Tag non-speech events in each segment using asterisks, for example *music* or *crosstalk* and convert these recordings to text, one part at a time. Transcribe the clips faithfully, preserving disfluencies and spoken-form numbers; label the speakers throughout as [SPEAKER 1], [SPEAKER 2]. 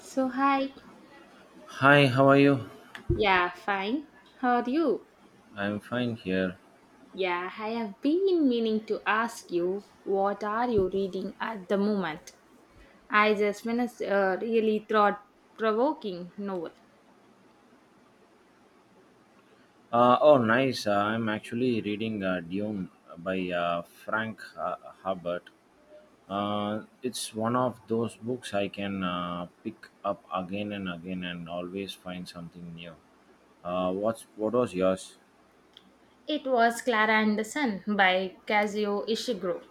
[SPEAKER 1] So, hi.
[SPEAKER 2] Hi, how are you?
[SPEAKER 1] Yeah, fine. How are you?
[SPEAKER 2] I'm fine here.
[SPEAKER 1] Yeah, I have been meaning to ask you, what are you reading at the moment? I just finished a really thought-provoking novel.
[SPEAKER 2] Uh, oh, nice. Uh, I'm actually reading uh, Dune by uh, Frank uh, Herbert. Uh, it's one of those books I can uh, pick up again and again and always find something new. Uh, what's what was yours?
[SPEAKER 1] It was Clara and the Sun by Kazuo Ishiguro.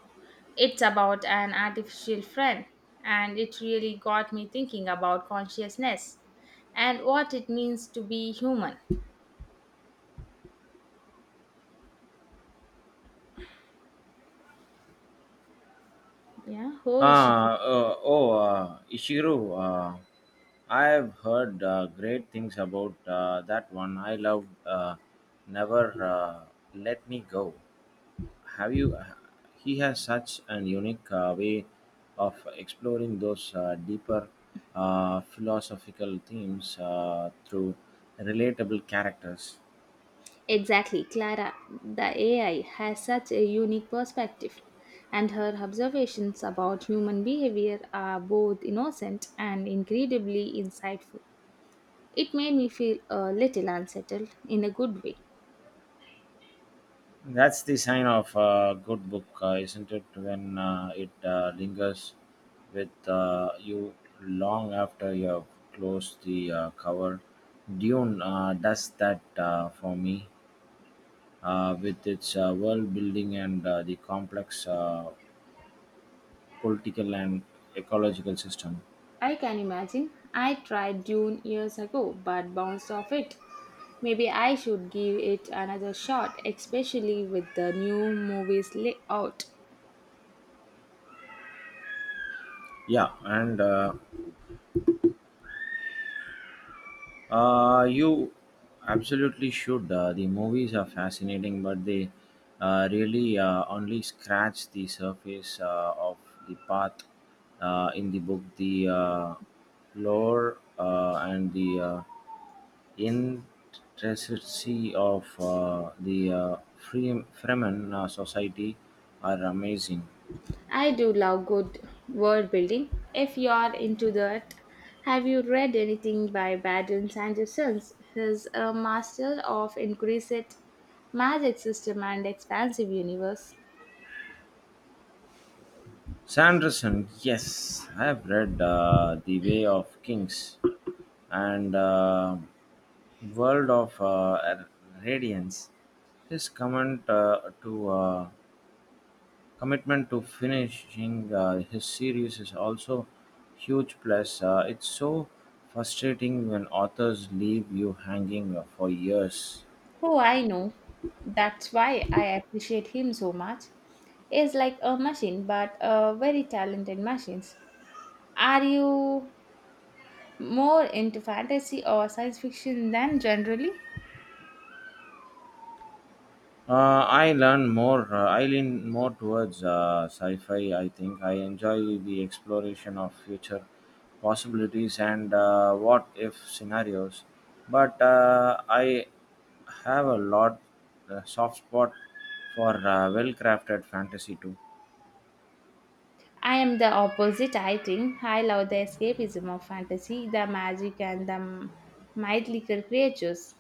[SPEAKER 1] It's about an artificial friend, and it really got me thinking about consciousness and what it means to be human. Yeah, who is she?
[SPEAKER 2] Ah, uh, oh, uh, Ishiru. Uh, I have heard uh, great things about uh, that one. I loved uh, Never uh, Let Me Go. Have you? uh, He has such an unique uh, way of exploring those uh, deeper uh, philosophical themes uh, through relatable characters.
[SPEAKER 1] Exactly, Clara, the A I has such a unique perspective, and her observations about human behavior are both innocent and incredibly insightful. It made me feel a little unsettled in a good way.
[SPEAKER 2] That's the sign of a good book, uh, isn't it? When uh, it uh, lingers with uh, you long after you have closed the uh, cover. Dune uh, does that uh, for me uh, with its uh, world building and uh, the complex uh, political and ecological system.
[SPEAKER 1] I can imagine, I tried Dune years ago but bounced off it. Maybe I should give it another shot, especially with the new movies layout.
[SPEAKER 2] Yeah, and uh, Uh, you absolutely should. Uh, the movies are fascinating, but they uh, really uh, only scratch the surface uh, of the path uh, in the book. The uh, lore uh, and the uh, intricacy of uh, the uh, Free- Fremen uh, society are amazing.
[SPEAKER 1] I do love good world building. If you're into that, have you read anything by Baden Sanderson? He's a master of inquisite magic system and expansive universe.
[SPEAKER 2] Sanderson, yes, I have read uh, The Way of Kings and uh, World of uh, Radiance. His comment uh, to uh, commitment to finishing uh, his series is also huge plus. Uh, it's so frustrating when authors leave you hanging for years.
[SPEAKER 1] Oh, I know. That's why I appreciate him so much. He's like a machine, but a very talented machines. Are you more into fantasy or science fiction than generally?
[SPEAKER 2] Uh, I learn more. Uh, I lean more towards uh, sci-fi. I think I enjoy the exploration of future possibilities and uh, what-if scenarios. But uh, I have a lot uh, soft spot for uh, well-crafted fantasy too.
[SPEAKER 1] I am the opposite, I think. I love the escapism of fantasy, the magic, and the mythical creatures.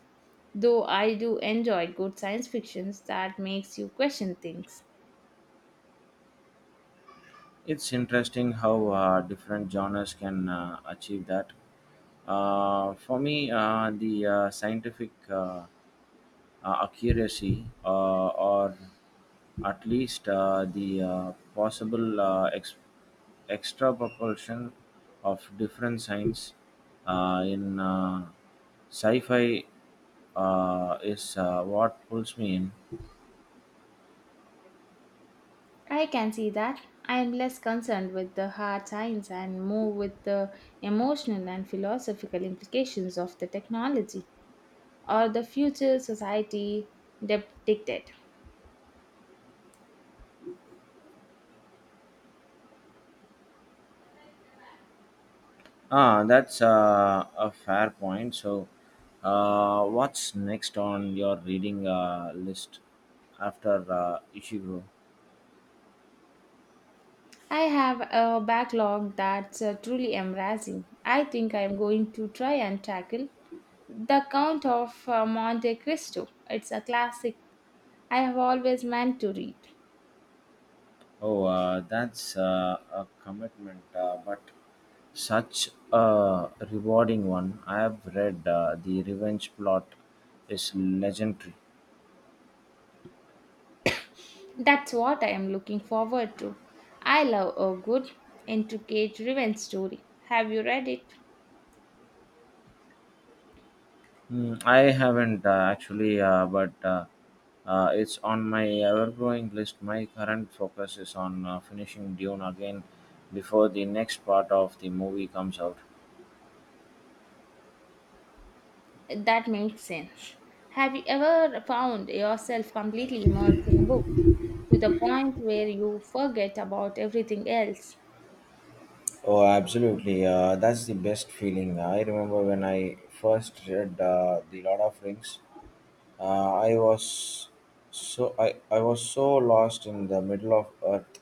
[SPEAKER 1] Though I do enjoy good science fictions that makes you question things.
[SPEAKER 2] It's interesting how uh, different genres can uh, achieve that. Uh, for me, uh, the uh, scientific uh, uh, accuracy, uh, or at least uh, the uh, possible uh, ex- extra propulsion of different science uh, in uh, sci fi, uh, is uh, what pulls me in.
[SPEAKER 1] I can see that. I am less concerned with the hard science and more with the emotional and philosophical implications of the technology or the future society depicted.
[SPEAKER 2] Ah, that's uh, a fair point. So, uh, what's next on your reading uh, list after uh, Ishiguro?
[SPEAKER 1] I have a backlog that's uh, truly embarrassing. I think I'm going to try and tackle The Count of uh, Monte Cristo. It's a classic I have always meant to read.
[SPEAKER 2] Oh, uh, that's uh, a commitment, uh, but such a rewarding one. I have read uh, The Revenge Plot is legendary.
[SPEAKER 1] That's what I am looking forward to. I love a good, intricate revenge story. Have you read it?
[SPEAKER 2] Mm, I haven't uh, actually, uh, but uh, uh, it's on my ever-growing list. My current focus is on uh, finishing Dune again before the next part of the movie comes out.
[SPEAKER 1] That makes sense. Have you ever found yourself completely immersed in a book to the point where you forget about everything else?
[SPEAKER 2] Oh, absolutely! Uh, that's the best feeling. I remember when I first read uh, the Lord of Rings. Uh, I was so I, I was so lost in the middle of Earth.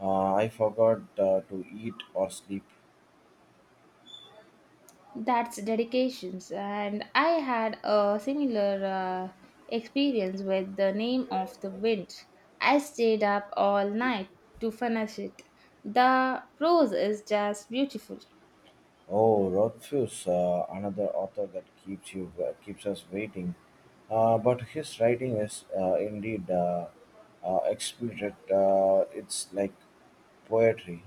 [SPEAKER 2] Uh, I forgot uh, to eat or sleep.
[SPEAKER 1] That's dedications, and I had a similar uh, experience with the name of the wind. I stayed up all night to finish it. The prose is just beautiful.
[SPEAKER 2] Oh, Rothfuss, uh, another author that keeps you uh, keeps us waiting. Uh, but his writing is uh, indeed uh, uh, exquisite. Uh, it's like poetry.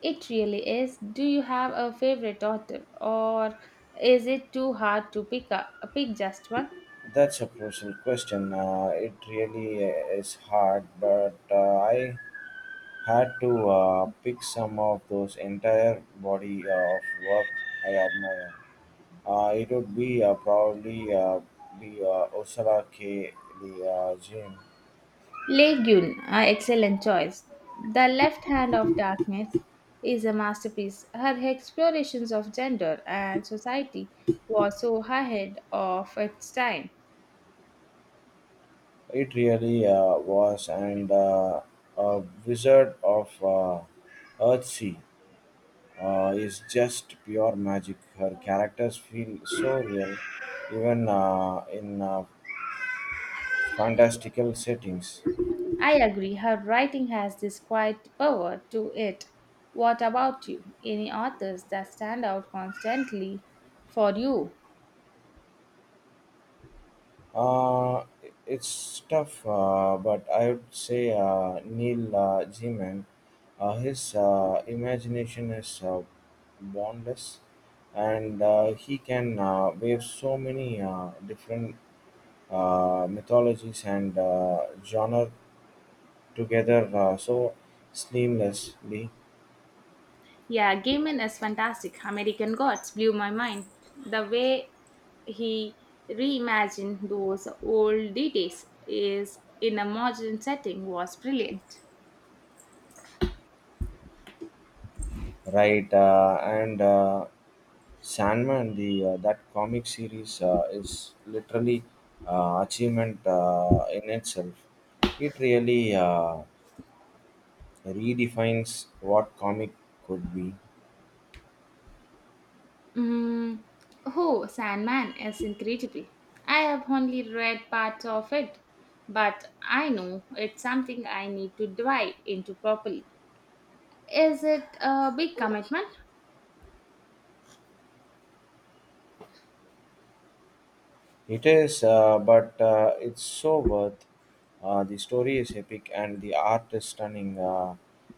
[SPEAKER 1] It really is. Do you have a favorite author, or is it too hard to pick up, pick just one?
[SPEAKER 2] That's a crucial question. Uh, it really is hard, but uh, I had to uh, pick some of those entire body of work I admire. Uh, it would be uh, probably uh, be uh, Osara K. Lee uh, Jim.
[SPEAKER 1] Legume, an excellent choice. The Left Hand of Darkness is a masterpiece. Her explorations of gender and society was so ahead of its time.
[SPEAKER 2] It really uh, was, and uh, uh, Wizard of uh, Earthsea uh, is just pure magic. Her characters feel so real, even uh, in uh, fantastical settings.
[SPEAKER 1] I agree, her writing has this quiet power to it. What about you? Any authors that stand out constantly for you?
[SPEAKER 2] Uh, it's tough, uh, but I would say uh, Neil uh, Gaiman, uh, his uh, imagination is uh, boundless, and uh, he can uh, wave so many uh, different uh, mythologies and uh, genre together uh, so seamlessly,
[SPEAKER 1] Yeah, Gaiman is fantastic. American Gods blew my mind. The way he reimagined those old deities is in a modern setting was brilliant.
[SPEAKER 2] right? Uh, and uh, Sandman, the uh, that comic series uh, is literally uh, achievement uh, in itself. It really uh, redefines what comic could be.
[SPEAKER 1] Mm, oh, Sandman is incredible. I have only read parts of it, but I know it's something I need to dive into properly. Is it a big commitment?
[SPEAKER 2] It is, uh, but uh, it's so worth. Uh, the story is epic and the art is stunning. Uh,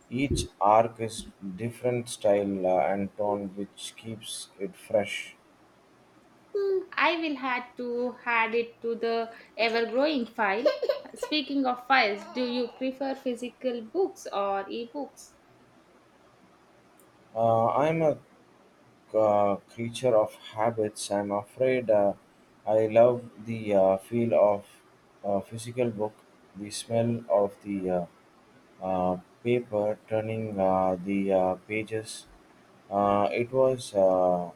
[SPEAKER 2] Each arc is different style uh, and tone, which keeps it fresh.
[SPEAKER 1] Hmm, I will have to add it to the ever growing file. *laughs* Speaking of files, do you prefer physical books or ebooks?
[SPEAKER 2] Uh, I'm a uh, creature of habits. I'm afraid uh, I love the uh, feel of a physical book, the smell of the uh, uh, paper turning uh, the uh, pages. Uh, it was. Uh,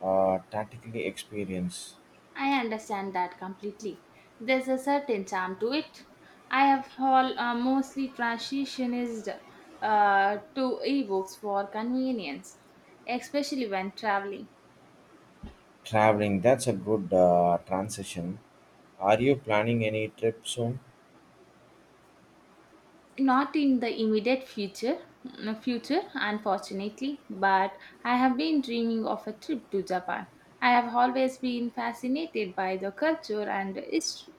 [SPEAKER 2] uh, Tactically experience
[SPEAKER 1] I understand that completely. There's a certain charm to it. I have all, uh, mostly transitioned uh, to ebooks for convenience, especially when traveling.
[SPEAKER 2] traveling, that's a good uh, transition. Are you planning any trip soon?
[SPEAKER 1] Not in the immediate future, mm, future, unfortunately, but I have been dreaming of a trip to Japan. I have always been fascinated by the culture and history.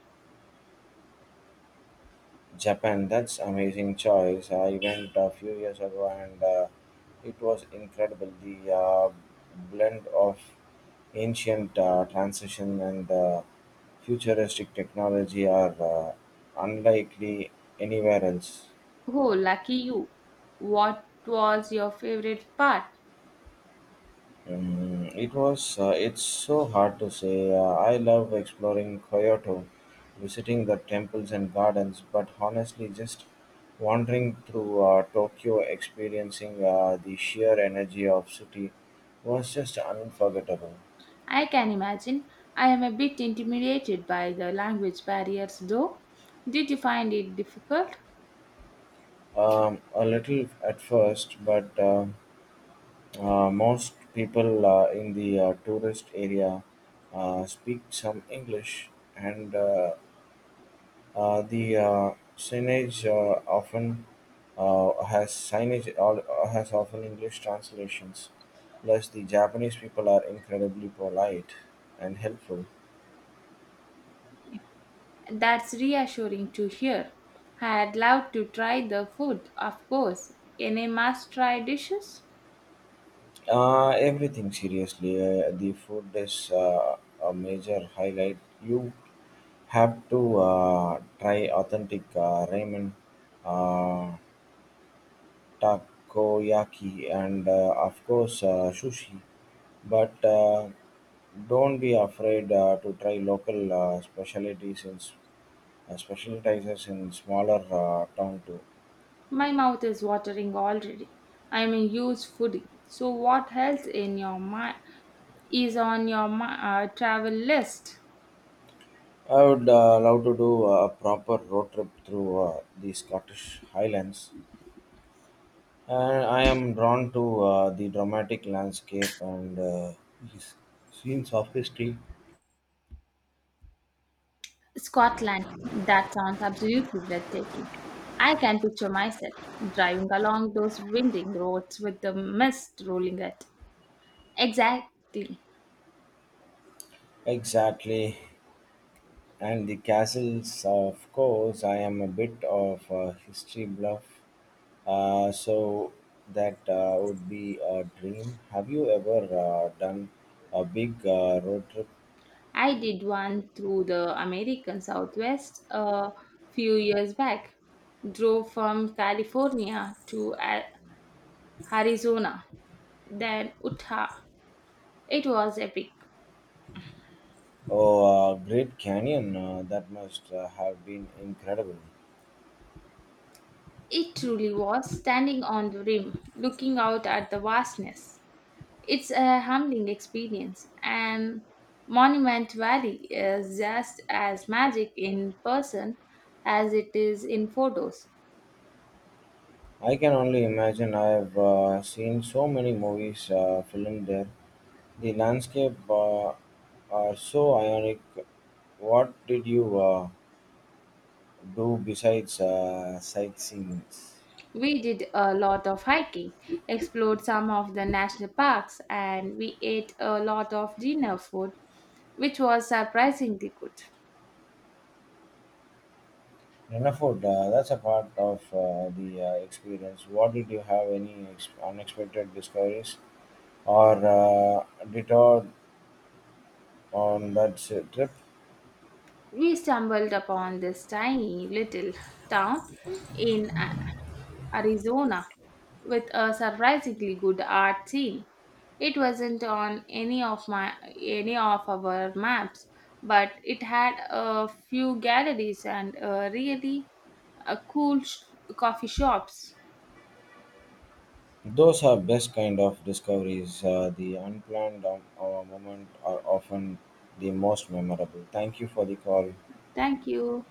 [SPEAKER 2] Japan, that's amazing choice. I went a few years ago and uh, it was incredible. The uh, blend of ancient uh, transition and uh, futuristic technology are uh, unlikely anywhere else.
[SPEAKER 1] Oh, lucky you, what was your favorite part?
[SPEAKER 2] Mm, it was. Uh, it's so hard to say. Uh, I love exploring Kyoto, visiting the temples and gardens, but honestly, just wandering through uh, Tokyo, experiencing uh, the sheer energy of city, was just unforgettable.
[SPEAKER 1] I can imagine, I am a bit intimidated by the language barriers though. Did you find it difficult?
[SPEAKER 2] Um, a little at first, but uh, uh, most people uh, in the uh, tourist area uh, speak some English, and uh, Uh, the uh, signage uh, often uh, has signage al- has often English translations. Plus, the Japanese people are incredibly polite and helpful.
[SPEAKER 1] That's reassuring to hear. I'd love to try the food, of course. Any must try dishes?
[SPEAKER 2] Uh, everything seriously. Uh, the food is uh, a major highlight. You have to uh, try authentic uh, ramen, uh, takoyaki, and uh, of course uh, sushi. But uh, don't be afraid uh, to try local uh, specialties in s- uh, specialties in smaller uh, town too.
[SPEAKER 1] My mouth is watering already. I am a huge foodie. So, what else in your mind is on your mi- uh, travel list?
[SPEAKER 2] I would uh, love to do a proper road trip through uh, the Scottish Highlands. And I am drawn to uh, the dramatic landscape and uh, the s- scenes of history.
[SPEAKER 1] Scotland. That sounds absolutely breathtaking. I can picture myself driving along those winding roads with the mist rolling it. Exactly.
[SPEAKER 2] Exactly. And the castles, of course. I am a bit of a history buff, Uh, so that uh, would be a dream. Have you ever uh, done a big uh, road trip?
[SPEAKER 1] I did one through the American Southwest a few years back. Drove from California to A- Arizona, then Utah. It was epic.
[SPEAKER 2] Oh, uh, Great Canyon! Uh, that must uh, have been incredible.
[SPEAKER 1] It truly was, standing on the rim, looking out at the vastness. It's a humbling experience, and Monument Valley is just as magic in person as it is in photos.
[SPEAKER 2] I can only imagine. I've uh, seen so many movies uh, filmed there. The landscape uh, are so ionic. What did you uh, do besides uh, sightseeing?
[SPEAKER 1] We did a lot of hiking, explored some of the national parks, and we ate a lot of dinner food, which was surprisingly good.
[SPEAKER 2] Wonderful. Uh, that's a part of uh, the uh, experience. What did you have any ex- unexpected discoveries or uh, detour on that s- trip?
[SPEAKER 1] We stumbled upon this tiny little town in A- Arizona with a surprisingly good art scene. It wasn't on any of my any of our maps, but it had a few galleries and a really uh, cool sh- coffee shops.
[SPEAKER 2] Those are best kind of discoveries. Uh, the unplanned um, uh, moment are often the most memorable. Thank you for the call.
[SPEAKER 1] Thank you.